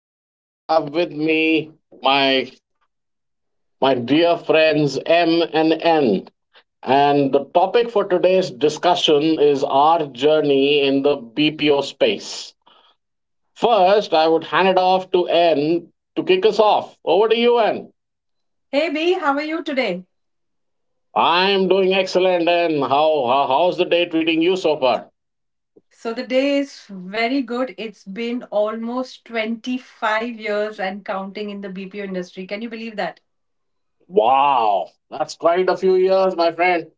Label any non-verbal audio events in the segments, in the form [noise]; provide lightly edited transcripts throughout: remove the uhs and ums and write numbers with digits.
Today I have with me my my dear friends M and N. And the topic for today's discussion is our journey in the BPO space. First, I would hand it off to N to kick us off. Over to you, N. Hey B, how are you today? I'm doing excellent, N. How's the day treating you so far? So the day is very good. It's been almost 25 years and counting in the BPO industry. Can you believe that? Wow, that's quite a few years, my friend.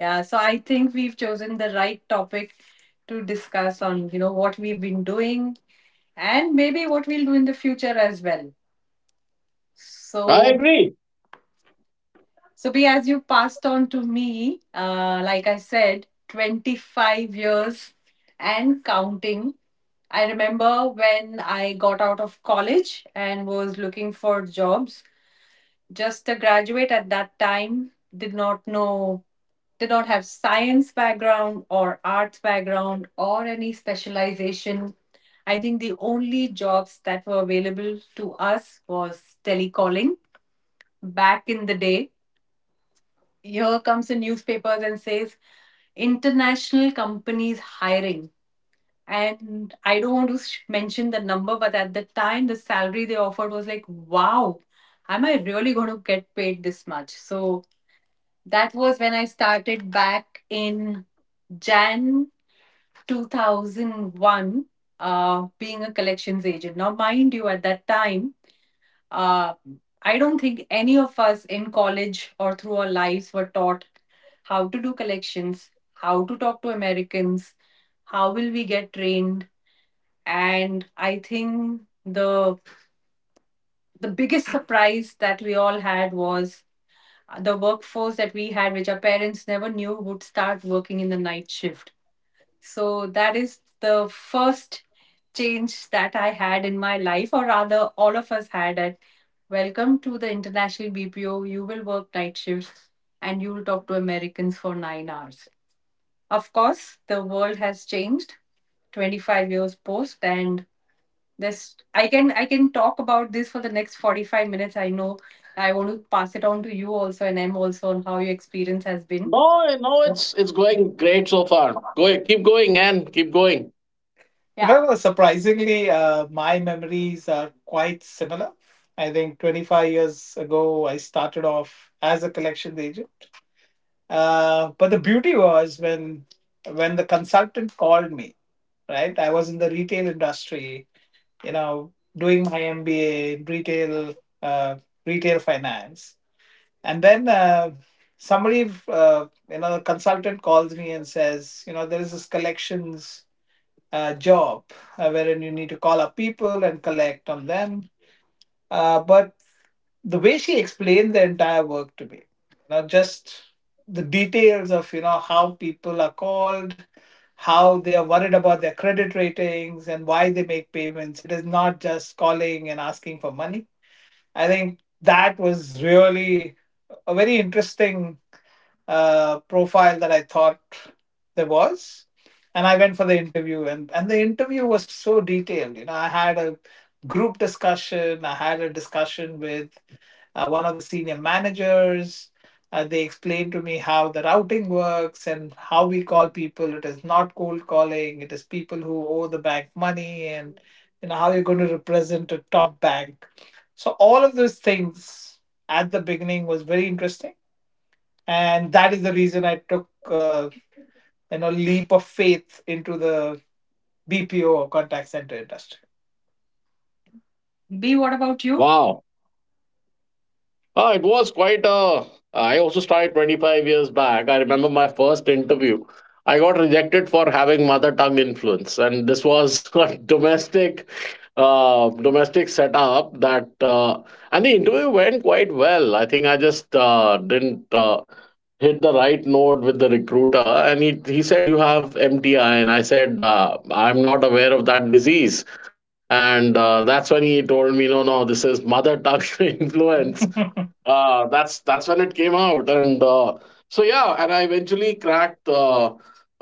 Yeah, so I think we've chosen the right topic to discuss on, what we've been doing and maybe what we'll do in the future as well. I So agree. So, Bea, as you passed on to me, like I said, 25 years and counting. I remember when I got out of college and was looking for jobs. Just a graduate at that time, did not know, did not have science background or arts background or any specialization. I think the only jobs that were available to us was telecalling back in the day. Here comes the newspapers and says international companies hiring, and I don't want to mention the number, but at the time the salary they offered was like, wow, am I really going to get paid this much? So that was when I started back in Jan 2001, being a collections agent. Now mind you, at that time, uh, I don't think any of us in college or through our lives were taught how to do collections, how to talk to Americans, how will we get trained. And I think the biggest surprise that we all had was the workforce that we had, which our parents never knew would start working in the night shift. So that is the first change that I had in my life, or rather, all of us had at. Welcome to the International BPO. You will work night shifts and you will talk to Americans for 9 hours. Of course, the world has changed 25 years post, and this I can talk about this for the next 45 minutes. I know I want to pass it on to you also, and I'm also on how your experience has been. No, no, it's going great so far. Go keep going and keep going. Yeah. Well, surprisingly, my memories are quite similar. I think 25 years ago, I started off as a collection agent. But the beauty was when the consultant called me, right? I was in the retail industry, doing my MBA in retail, uh, retail finance, and then, somebody, the consultant calls me and says, there is this collections job, wherein you need to call up people and collect on them. But the way she explained the entire work to me, not just the details of, you know, how people are called, how they are worried about their credit ratings, and why they make payments, it is not just calling and asking for money. I think that was really a very interesting profile that I thought there was. And I went for the interview, and the interview was so detailed. I had a group discussion. I had a discussion with one of the senior managers. They explained to me how the routing works and how we call people. It is not cold calling. It is people who owe the bank money, and you know how you're going to represent a top bank. So all of those things at the beginning was very interesting, and that is the reason I took, leap of faith into the BPO or contact center industry. B, what about you? Wow. Ah, it was quite a. I also started 25 years back. I remember my first interview. I got rejected for having mother tongue influence, and this was [laughs] a domestic, domestic setup that, and the interview went quite well. I think I just didn't hit the right note with the recruiter, and he said you have MTI, and I said I'm not aware of that disease and that's when he told me, no, no, this is mother tongue [laughs] influence. That's when it came out, and I eventually cracked uh,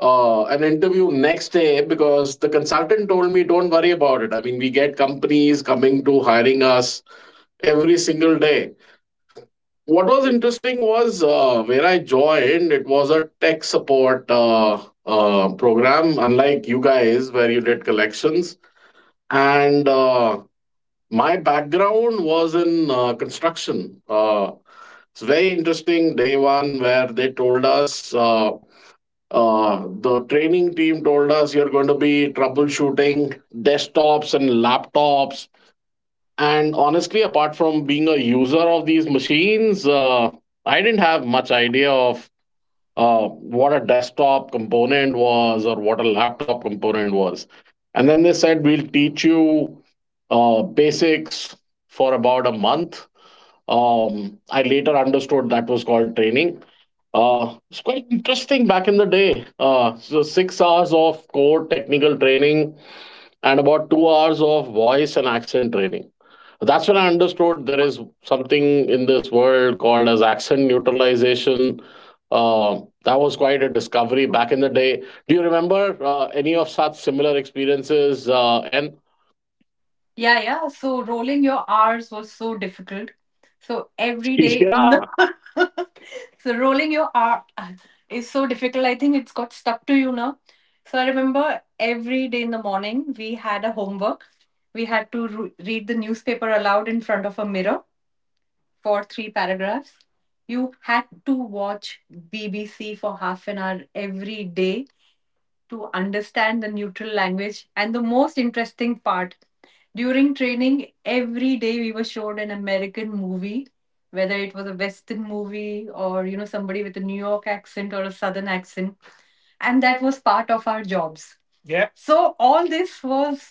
uh, an interview next day because the consultant told me, don't worry about it. I mean, we get companies coming to hiring us every single day. What was interesting was where I joined, it was a tech support program, unlike you guys where you did collections and my background was in construction. It's very interesting day one where they told us the training team told us you're going to be troubleshooting desktops and laptops. And honestly, apart from being a user of these machines, I didn't have much idea of what a desktop component was or what a laptop component was. And then they said, we'll teach you basics for about a month. I later understood that was called training. It's quite interesting back in the day. So 6 hours of core technical training and about 2 hours of voice and accent training. That's when I understood there is something in this world called as accent neutralization. That was quite a discovery back in the day. Do you remember any of such similar experiences? And Yeah, yeah. So rolling your R's was so difficult. So every [laughs] day in yeah, the [laughs] so rolling your R is so difficult. I think it's got stuck to you now. So I remember every day in the morning we had a homework. We had to read the newspaper aloud in front of a mirror for three paragraphs. You had to watch BBC for half an hour every day to understand the neutral language. And the most interesting part during training, every day we were shown an American movie, whether it was a Western movie or, somebody with a New York accent or a Southern accent. And that was part of our jobs. Yeah. So all this was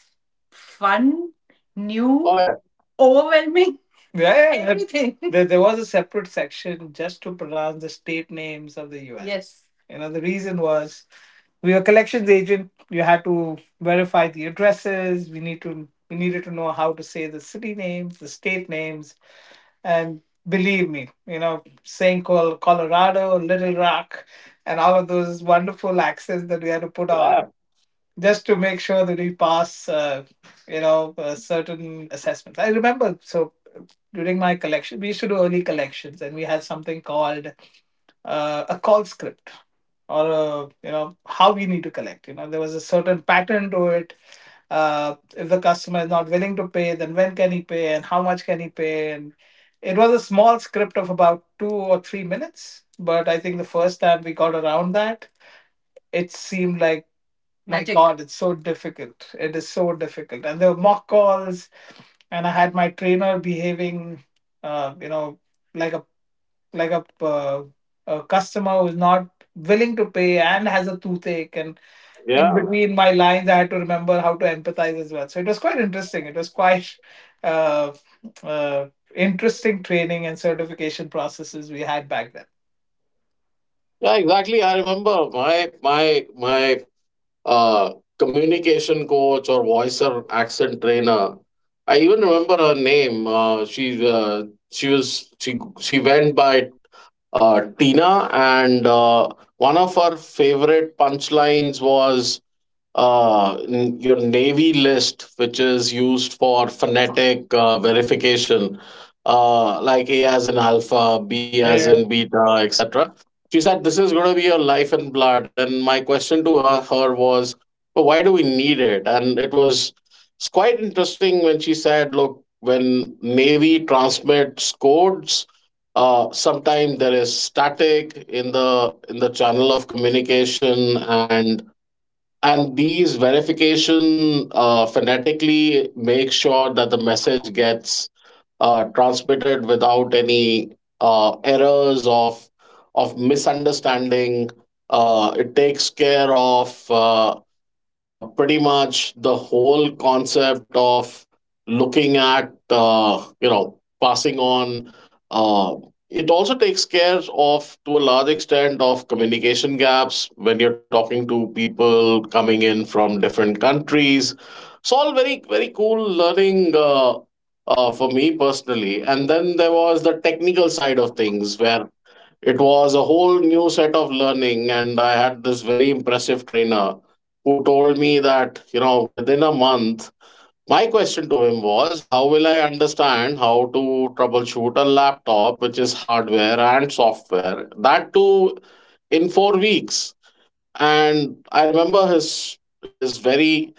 fun, new, oh yeah, overwhelming [laughs] Yeah, yeah. everything. There was a separate section just to pronounce the state names of the US. Yes. You know, the reason was we were collections agent. You had to verify the addresses. We needed to know how to say the city names, the state names, and believe me, saying Colorado, Little Rock, and all of those wonderful accents that we had to put yeah, on just to make sure that we pass, certain assessments. I remember, so during my collection, we used to do early collections, and we had something called a call script, or a, you know how we need to collect. There was a certain pattern to it. If the customer is not willing to pay, then when can he pay, and how much can he pay, and it was a small script of about 2 or 3 minutes. But I think the first time we got around that, it seemed like my Magic. God, it's so difficult. It is so difficult. And there were mock calls, and I had my trainer behaving, uh, you know, like a like a customer who's not willing to pay and has a toothache. And in yeah, between my lines, I had to remember how to empathize as well. So it was quite interesting. It was quite uh, uh, interesting training and certification processes we had back then. yeah. Exactly. I remember my uh, communication coach or voice or accent trainer. I even remember her name. She was she went by Tina, and one of her favorite punchlines was your Navy list, which is used for phonetic verification, like A as in alpha, B as Yeah. in beta, etc. She said, "This is going to be your life and blood." And my question to her was, "But why do we need it?" And it's quite interesting when she said, "Look, when Navy transmits codes, sometimes there is static in the channel of communication, and these verification phonetically make sure that the message gets transmitted without any errors of misunderstanding. It takes care of pretty much the whole concept of looking at you know passing on uh, it also takes care of to a large extent of communication gaps when you're talking to people coming in from different countries. It's all very cool learning for me personally. And then there was the technical side of things where it was a whole new set of learning, and I had this very impressive trainer who told me that, you know, within a month, my question to him was, how will I understand how to troubleshoot a laptop, which is hardware and software, that too in 4 weeks? And I remember his very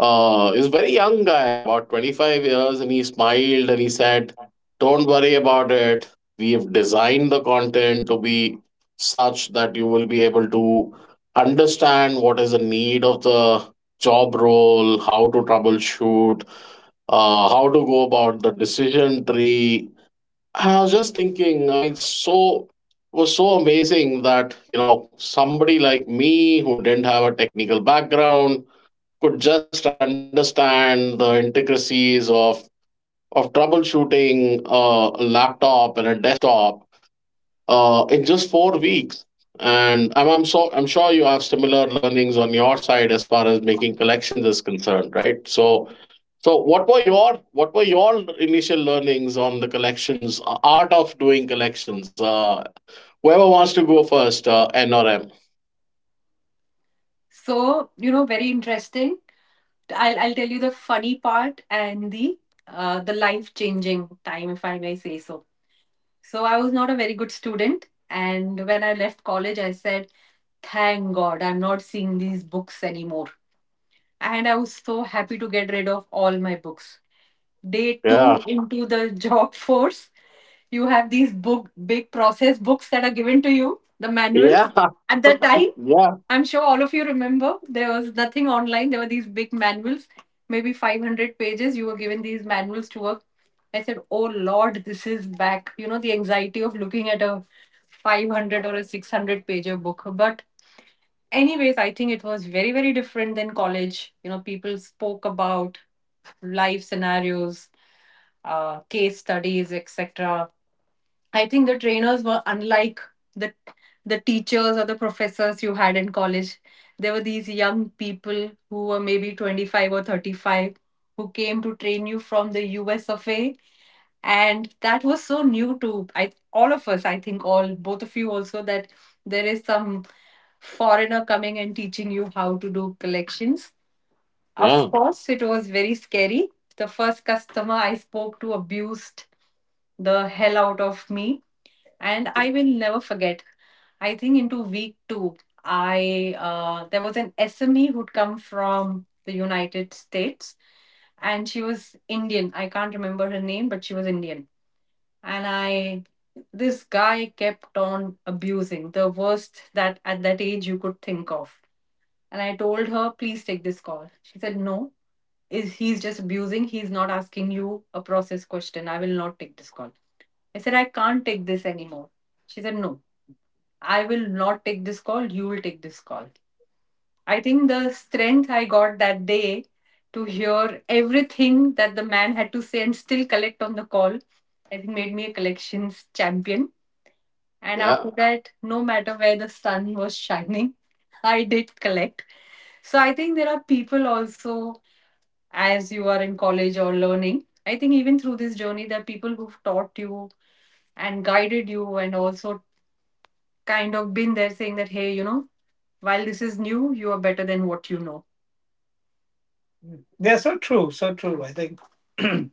he's a very young guy, about 25 years, and he smiled and he said, "Don't worry about it. We have designed the content to be such that you will be able to understand what is the need of the job role, how to troubleshoot, how to go about the decision tree." I was just thinking, I mean, so it was so amazing that, you know, somebody like me who didn't have a technical background could just understand the intricacies of troubleshooting a laptop and a desktop in just 4 weeks. And I'm sure you have similar learnings on your side as far as making collections is concerned, right? So what were your initial learnings on the collections art of doing collections? Whoever wants to go first, N or M. So, very interesting. I'll tell you the funny part and the life-changing time, if I may say so. So I was not a very good student, and when I left college, I said, "Thank God, I'm not seeing these books anymore." And I was so happy to get rid of all my books. Day Yeah. two into the job force, you have these book big process books that are given to you, the manuals. Yeah. At that time, [laughs] Yeah. I'm sure all of you remember, there was nothing online. There were these big manuals, maybe 500 pages. You were given these manuals to work. I said, oh, Lord, this is back. The anxiety of looking at a 500 or a 600 pager book. But anyways, I think it was very very different than college. People spoke about life scenarios, case studies, etc. I think the trainers were unlike the the teachers or the professors you had in college. There were these young people who were maybe 25 or 35, who came to train you from the US of A. And that was so new to I, all of us, I think, all, both of you also, that there is some foreigner coming and teaching you how to do collections. Of Yeah. course, it was very scary. The first customer I spoke to abused the hell out of me, and I will never forget. I think into week two, I there was an SME who'd come from the United States, and she was Indian. I can't remember her name, but she was Indian. And I, this guy kept on abusing the worst that at that age you could think of. And I told her, please take this call. She said, no, is he's just abusing, he's not asking you a process question, I will not take this call. I said, I can't take this anymore. She said, no, I will not take this call, you will take this call. I think the strength I got that day to hear everything that the man had to say and still collect on the call, I think made me a collections champion. And after Yeah. that, no matter where the sun was shining, [laughs] I did collect. So I think there are people also as you are in college or learning. I think even through this journey, there are people who've taught you and guided you, and also kind of been there saying that, hey, while this is new, you are better than what you know. They are so true, so true. I think [clears throat] the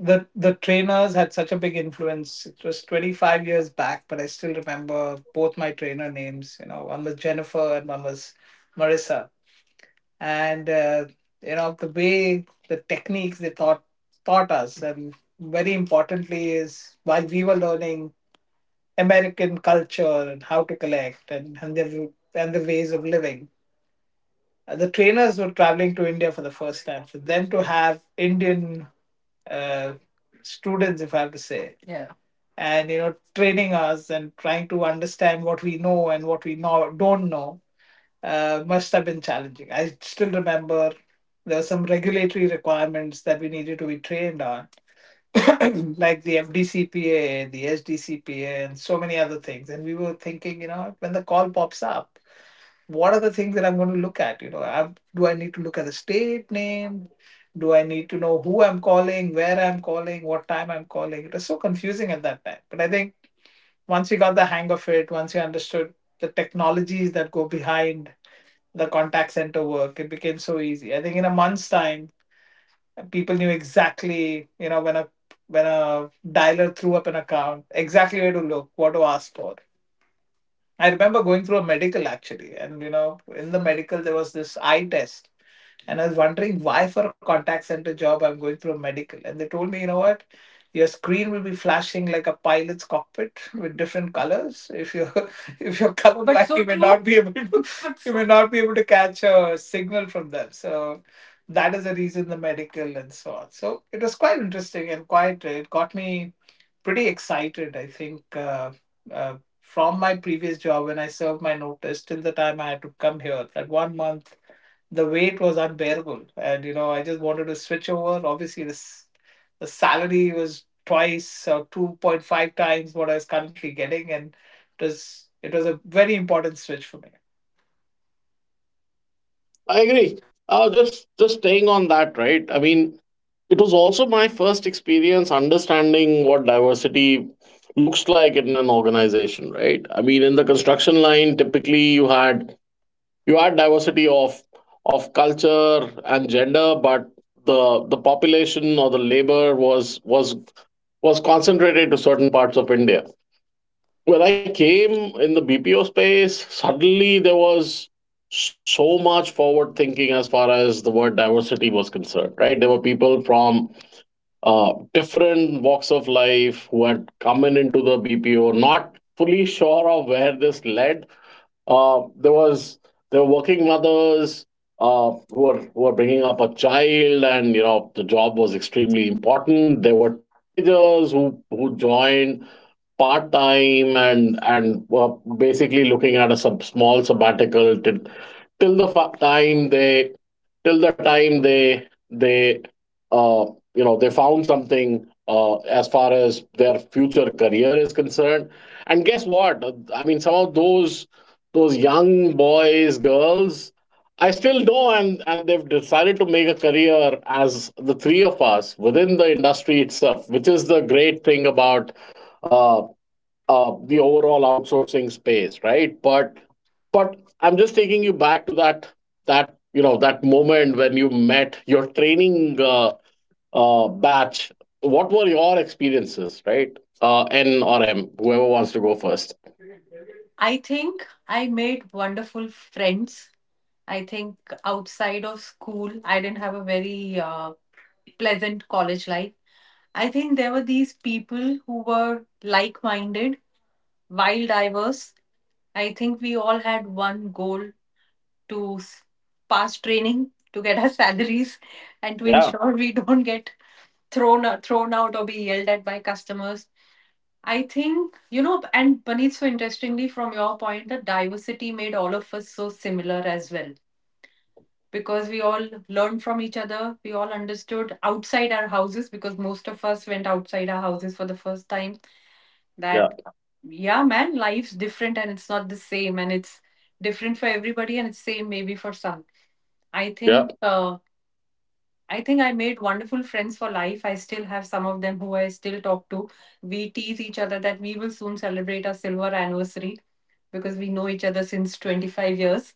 the trainers had such a big influence. It was 25 years back, but I still remember both my trainer names. One was Jennifer and one was Marissa. And the way the techniques they taught us, and very importantly is while we were learning American culture and how to collect, and the ways of living. The trainers were traveling to India for the first time. For them to have Indian uh, students, if I have to say, yeah, and training us and trying to understand what we know and what we know don't know, must have been challenging. I still remember there were some regulatory requirements that we needed to be trained on, [coughs] [clears throat] like the FDCPA, the SDCPA, and so many other things. And we were thinking, you know, when the call pops up, what are the things that I'm going to look at? You know, I need to look at the state name? Do I need to know who I'm calling, where I'm calling, what time I'm calling? It was so confusing at that time. But I think once we got the hang of it, once we understood the technologies that go behind the contact center work. It became so easy. I think in a month's time, people knew exactly, you know, when a dialer threw up an account, exactly where to look, what to ask for. I remember going through a medical actually, and you know, in the medical there was this eye test, and I was wondering why for a contact center job I'm going through a medical, and they told me, you know what, your screen will be flashing like a pilot's cockpit with different colors. If you [laughs] if you're But colorblind, so you may true. Not be able to [laughs] you so may not be able to catch a signal from them. So that is the reason the medical and so on. So it was quite interesting and quite it got me pretty excited. I think. Uh, from my previous job when I served my notice till the time I had to come here. That 1 month, the wait was unbearable, and you know I just wanted to switch over. Obviously, this the salary was twice or 2.5 times what I was currently getting, and it was a very important switch for me. I agree. Just staying on that, right? I mean, it was also my first experience understanding what diversity looks like in an organization, right? I mean, in the construction line, typically you had diversity of culture and gender, but the population or the labor was was concentrated to certain parts of India. When I came in the BPO space, suddenly there was so much forward thinking as far as the word diversity was concerned, right? There were people from different walks of life who had come in into the BPO, not fully sure of where this led, uh, there was there were working mothers who were bringing up a child, and you know the job was extremely important. There were teenagers who joined part time and were basically looking at a small sabbatical till till the fa- time they till the time they uh, you know they found something as far as their future career is concerned. And guess what, I mean, some of those young boys, girls, I still know, and they've decided to make a career as the three of us within the industry itself, which is the great thing about uh, the overall outsourcing space, right? But I'm just taking you back to that you know that moment when you met your training batch. What were your experiences, right? N or M, whoever wants to go first. I think I made wonderful friends. I think outside of school, I didn't have a very pleasant college life. I think there were these people who were like minded, wild diverse. I think we all had one goal to s- pass training, to get our salaries, and to Yeah. ensure we don't get thrown out or be yelled at by customers. I think, you know, and Puneet, so interestingly, from your point, the diversity made all of us so similar as well because we all learned from each other. We all understood outside our houses because most of us went outside our houses for the first time. Yeah. That, yeah, man, life's different and it's not the same and it's different for everybody and it's same maybe for some. I Yeah. think uh, I think I made wonderful friends for life. I still have some of them who I still talk to. We tease each other that we will soon celebrate our silver anniversary because we know each other since 25 years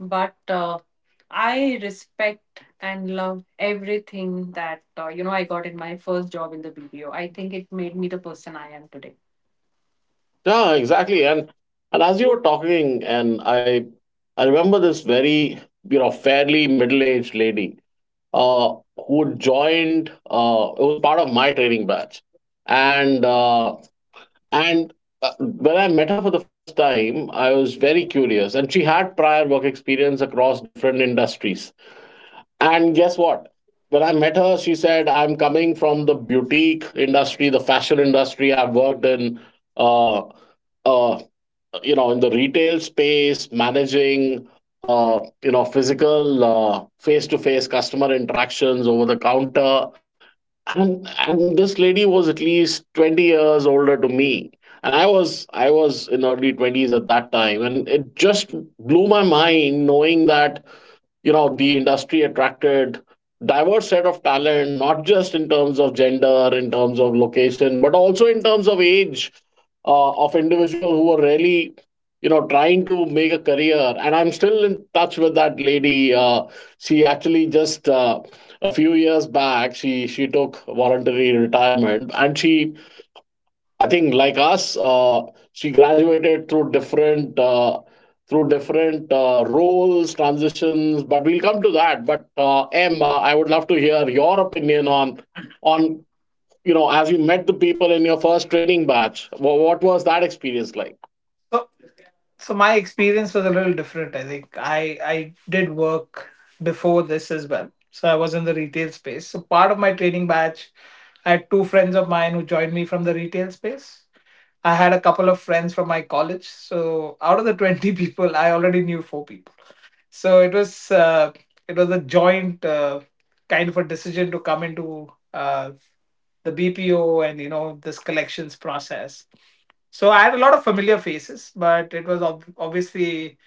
but I respect and love everything that you know I got in my first job in the BPO. I think it made me the person I am today. Yeah, exactly. And as you were talking, and I remember this very you know fairly middle aged lady uh who joined. It was part of my training batch, and uh and when I met her for the first time, I was very curious, and she had prior work experience across different industries. And guess what? When I met her, she said, "I'm coming from the boutique industry, the fashion industry. I've worked in." Uh, uh, you know, in the retail space, managing you know physical face-to-face customer interactions over the counter. And This lady was at least 20 years older to me, and I was in early 20s at that time, and it just blew my mind knowing that you know the industry attracted diverse set of talent, not just in terms of gender, in terms of location, but also in terms of age of individual who were really you know trying to make a career. And I'm still in touch with that lady. She actually just a few years back, she took voluntary retirement, and she I think like us, she graduated through different roles, transitions. But we'll come to that. But M, I would love to hear your opinion on on you know as you met the people in your first training batch. What was that experience like? So, so my experience was a little different. I think I did work before this as well. So I was in the retail space. So part of my training batch, I had two friends of mine who joined me from the retail space. I had a couple of friends from my college. So out of the 20 [laughs] people, I already knew four people. So it was a joint kind of a decision to come into the BPO and you know this collections process. So I had a lot of familiar faces, but it was obviously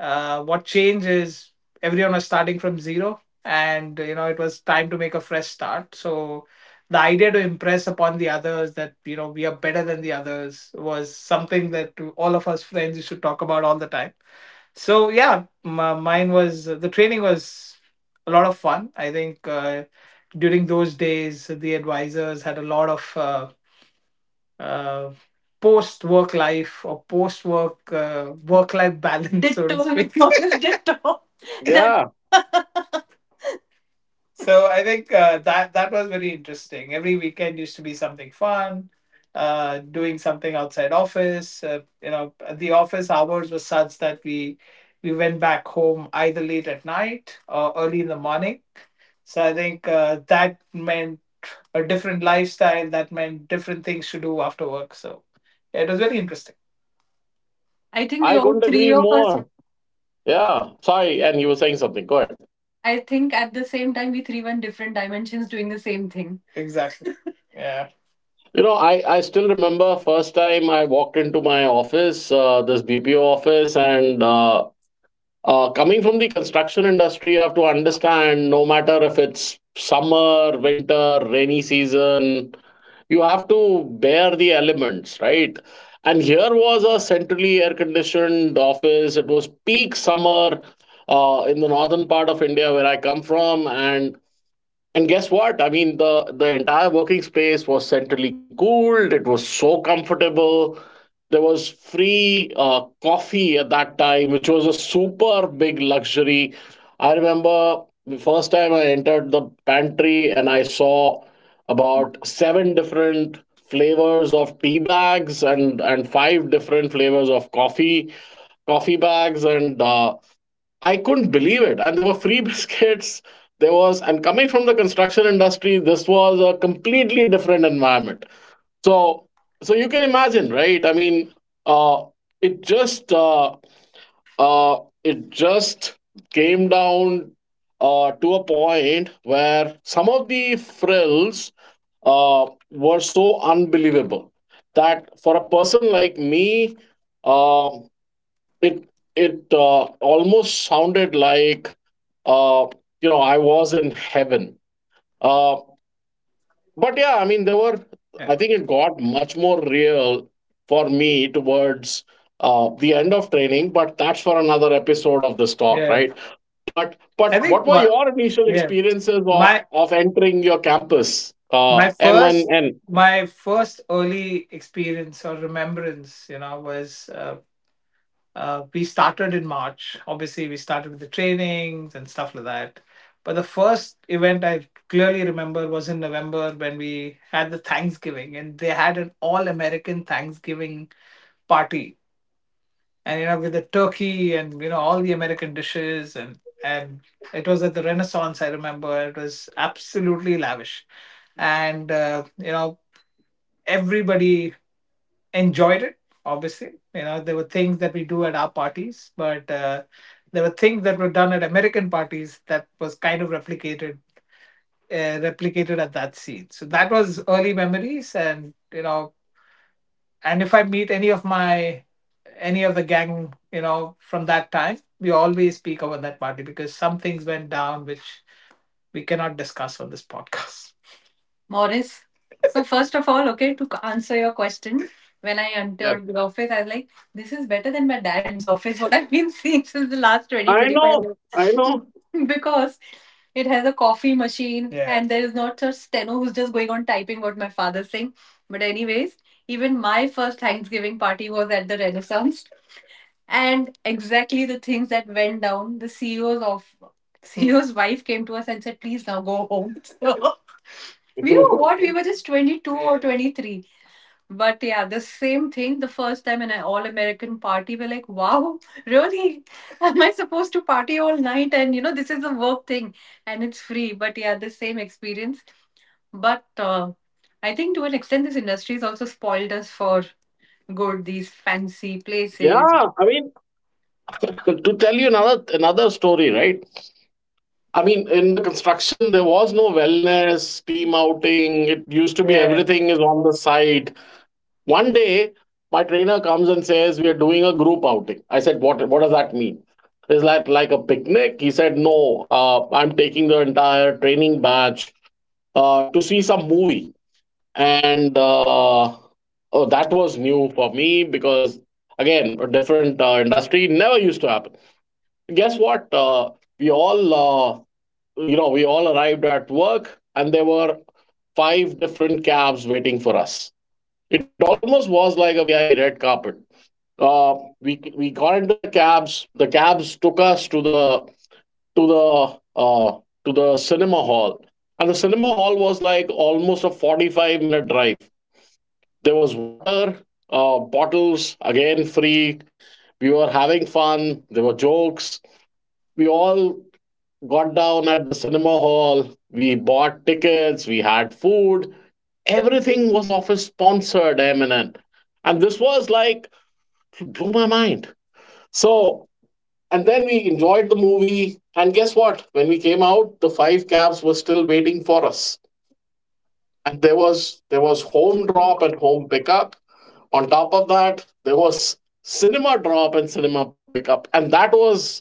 what changed is everyone was starting from zero, and you know it was time to make a fresh start. So the idea to impress upon the others that you know we are better than the others was something that all of us friends used to talk about all the time. So yeah, my, mine was the training was a lot of fun. I think During those days, the advisors had a lot of uh, post work life or post work work life [laughs] balance, so to Ditto, [laughs] speak. That Yeah, so I think that that was very interesting. Every weekend used to be something fun, doing something outside office. You know, the office hours were such that we went back home either late at night or early in the morning. So I think that meant a different lifestyle. That meant different things to do after work. So yeah, it was very interesting. I think we I all couldn't three agree of us, more. Yeah, sorry, and you were saying something. Go ahead. I think at the same time, we three were in different dimensions doing the same thing. Exactly. [laughs] Yeah. You know, I still remember first time I walked into my office, this BPO office, and coming from the construction industry, you have to understand no matter if it's summer, winter, rainy season, you have to bear the elements, right? And here was a centrally air conditioned office. It was peak summer in the northern part of India where I come from. And guess what? I mean, the entire working space was centrally cooled. It was so comfortable. There was free coffee at that time, which was a super big luxury. I remember the first time I entered the pantry and I saw about seven different flavors of tea bags and five different flavors of coffee bags, and I couldn't believe it. And there were free [laughs] biscuits. There was, and coming from the construction industry, this was a completely different environment. So, so you can imagine, right? I mean, uh, it just, uh, uh, it just came down to a point where some of the frills were so unbelievable that for a person like me, uh, it it almost sounded like uh, you know I was in heaven. Uh, but yeah, I mean there were, Yeah. I think it got much more real for me towards the end of training. But that's for another episode of this talk, Yeah. right? But I but think what were what your initial yeah experiences of my of entering your campus, my M1 first and my first early experience or remembrance you know was we started in March. Obviously, we started with the trainings and stuff like that. But the first event I clearly remember was in November when we had the Thanksgiving and they had an all American Thanksgiving party, and you know with the turkey and you know all the American dishes. And it was at the Renaissance. I remember it was absolutely lavish, and you know everybody enjoyed it. Obviously you know there were things that we do at our parties, but there were things that were done at American parties that was kind of replicated at that scene. So that was early memories, and you know, and if I meet any of my any of the gang you know from that time, we always speak about that party, because some things went down which we cannot discuss on this podcast, Morris. So first of all, okay, to answer your question, when I yeah? entered the office, I was like, this is better than my dad's office, [laughs] what I've been seeing since the last twenty I twenty-five know, I years. know. [laughs] Because it has a coffee machine. Yeah. And there is not a steno who's just going on typing what my father's saying. But anyways, even my first Thanksgiving party was at the Renaissance. And exactly the things that went down, the CEO's of CEO's wife came to us and said, please now go home. [laughs] So we were what? [laughs] We were just 22 or Yeah. 23. But yeah, the same thing. The first time in an all American party, we're like, wow, really? [laughs] Am I supposed to party all night? And you know, this is a work thing and it's free. But yeah, the same experience. But I think to an extent, this industry has also spoiled us for good, these fancy places. Yeah, I mean, to tell you another story, right? I mean, in the construction, there was no wellness, team outing. It used to be Yeah, everything is on the side. One day, my trainer comes and says, we are doing a group outing. I said, what does that mean? Is that like a picnic? He said, no, I'm taking the entire training batch to see some movie. And oh, that was new for me because, again, a different industry never used to happen. Guess what? We all uh, we all arrived at work and there were five different cabs waiting for us. It almost was like a VIP red carpet. We got into the cabs. The cabs took us to the to the uh, to the cinema hall, and the cinema hall was like almost a 45 minute drive. There was water, bottles again free. We were having fun. There were jokes. We all got down at the cinema hall, we bought tickets, we had food. Everything was office sponsored, Eminem. And N. And this was like, it blew my mind. So, and then we enjoyed the movie. And guess what? When we came out, the five cabs were still waiting for us. And there was home drop and home pickup. On top of that, there was cinema drop and cinema pickup. And that was,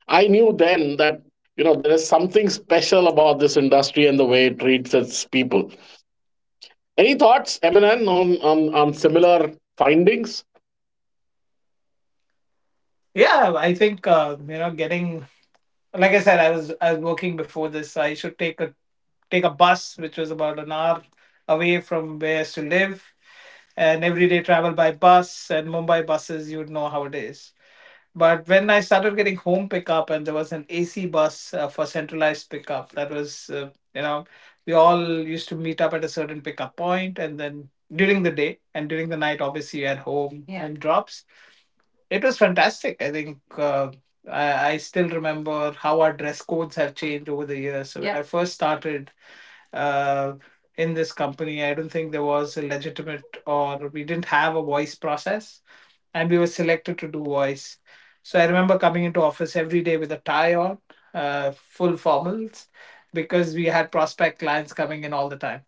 I knew then that there is something special about this industry and the way it treats its people. Any thoughts, Eminem, on on similar findings? yeah. I think You know, getting like I said, I was working before this. I should take a bus, which was about an hour away from where I used to live, and everyday travel by bus and Mumbai buses. You would know how it is. But when I started getting home pickup, and there was an AC bus for centralized pickup, that was you know, we all used to meet up at a certain pickup point, and then during the day and during the night, obviously you had home Yeah. and drops. It was fantastic. I still remember how our dress codes have changed over the years. So when Yeah. I first started uh, in this company, I don't think there was a legitimate or we didn't have a voice process, and we were selected to do voice. So I remember coming into office every day with a tie on, full formals, because we had prospect clients coming in all the time.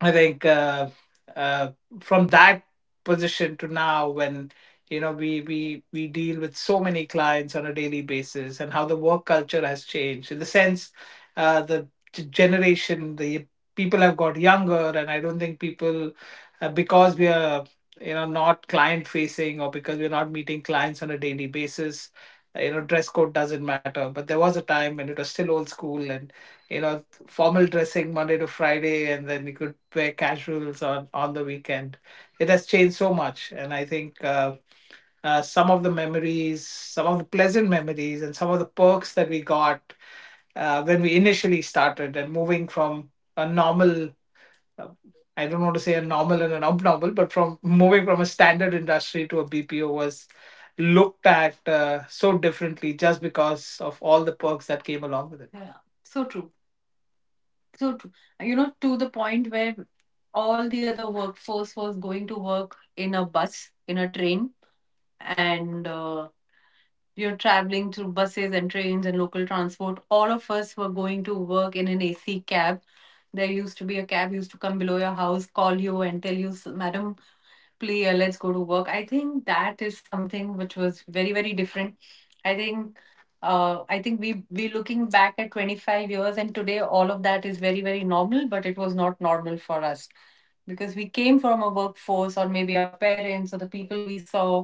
I think uh, from that position to now, when you know we deal with so many clients on a daily basis, and how the work culture has changed in the sense the generation, the people have got younger, and I don't think people because we are you know not client facing or because we're not meeting clients on a daily basis. You know, dress code doesn't matter, but there was a time when it was still old school, and you know formal dressing Monday to Friday, and then you could wear casuals on the weekend. It has changed so much, and I think some of the memories, some of the pleasant memories, and some of the perks that we got when we initially started, and moving from a normal. uh, I don't want to say a normal and an abnormal, but from moving from a standard industry to a BPO was looked at so differently just because of all the perks that came along with it. Yeah, so true. So, tr- you know, to the point where all the other workforce was going to work in a bus, in a train, and you're traveling through buses and trains and local transport. All of us were going to work in an AC cab. There used to be a cab used to come below your house, call you, and tell you, "S- Madam, please, let's go to work. I think that is something which was very, very different. I think. I think we looking back at 25 years and today all of that is very very normal, but it was not normal for us because we came from a workforce or maybe our parents or the people we saw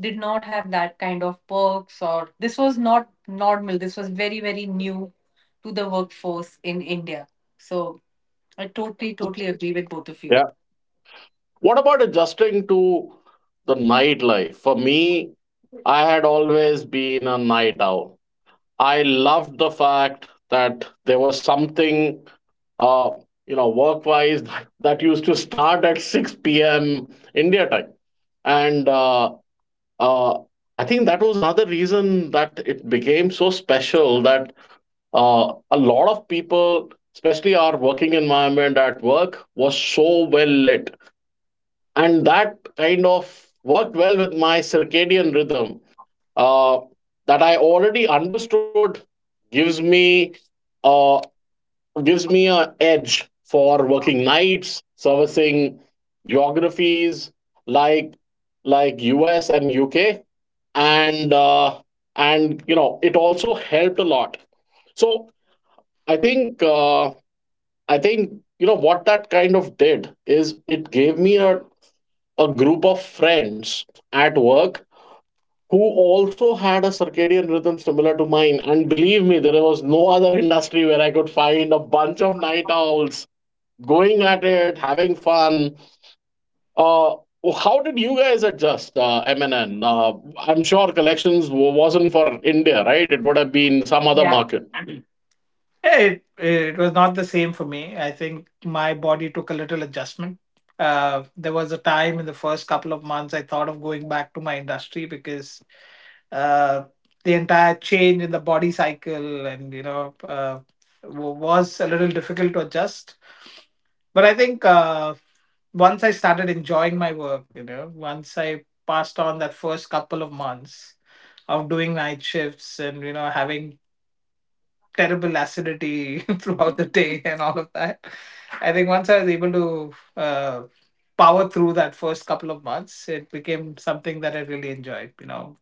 did not have that kind of perks, or this was not normal. This was very very new to the workforce in India. So I totally totally agree with both of Yeah. you. What about adjusting to the nightlife? For me, I had always been a night owl. I loved the fact that there was something, uh, work wise [laughs] that used to start at 6 p.m. India time. And uh, I think that was another reason that it became so special that a lot of people, especially our working environment at work, was so well lit. And that kind of worked well with my circadian rhythm uh, that I already understood gives me uh, an edge for working nights, servicing geographies like like US and UK and you know, it also helped a lot. So i think uh, I think you know what that kind of did is it gave me a group of friends at work who also had a circadian rhythm similar to mine, and believe me, there was no other [laughs] industry where I could find a bunch of night owls going at it having fun. Uh, well, how did you guys adjust, MNN? I'm sure collections wasn't for India, right? It would have been some other Yeah. market. Yeah, it was not the same for me. I think my body took a little adjustment. There was a time in the first couple of months I thought of going back to my industry because uh, the entire change in the body cycle and you know was a little difficult to adjust. But I think Once I started enjoying my work, you know, once I passed on that first couple of months of doing night shifts and you know having terrible acidity [laughs] throughout the day and all of that. I think once I was able to power through that first couple of months, it became something that I really enjoyed. You know,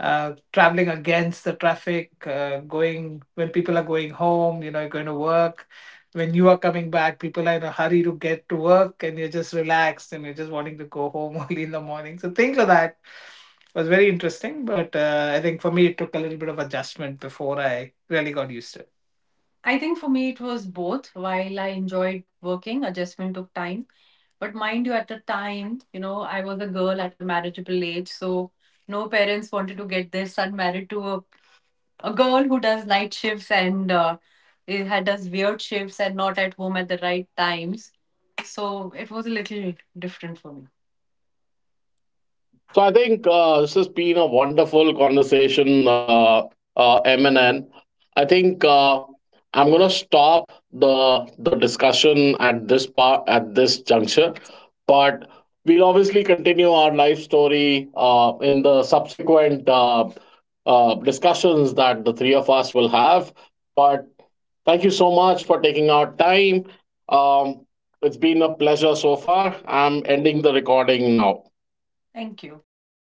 traveling against the traffic, going when people are going home, you know, you're going to work. When you are coming back, people are in a hurry to get to work, and you're just relaxed and you're just wanting to go home [laughs] early in the morning. So things like that was very interesting, but I think for me it took a little bit of adjustment before I really got used to it. I think for me it was both. While I enjoyed working, adjustment took time. But mind you, at the time, you know, I was a girl at a marriageable age. So no parents wanted to get their son married to a girl who does night shifts, and it had does weird shifts and not at home at the right times. So it was a little different for me. So I think this has been a wonderful conversation, MNN. I think I'm gonna stop the discussion at this part, at this juncture, but we'll obviously continue our life story in the subsequent discussions that the three of us will have. But thank you so much for taking out time. Um, it's been a pleasure so far. I'm ending the recording now. Thank you.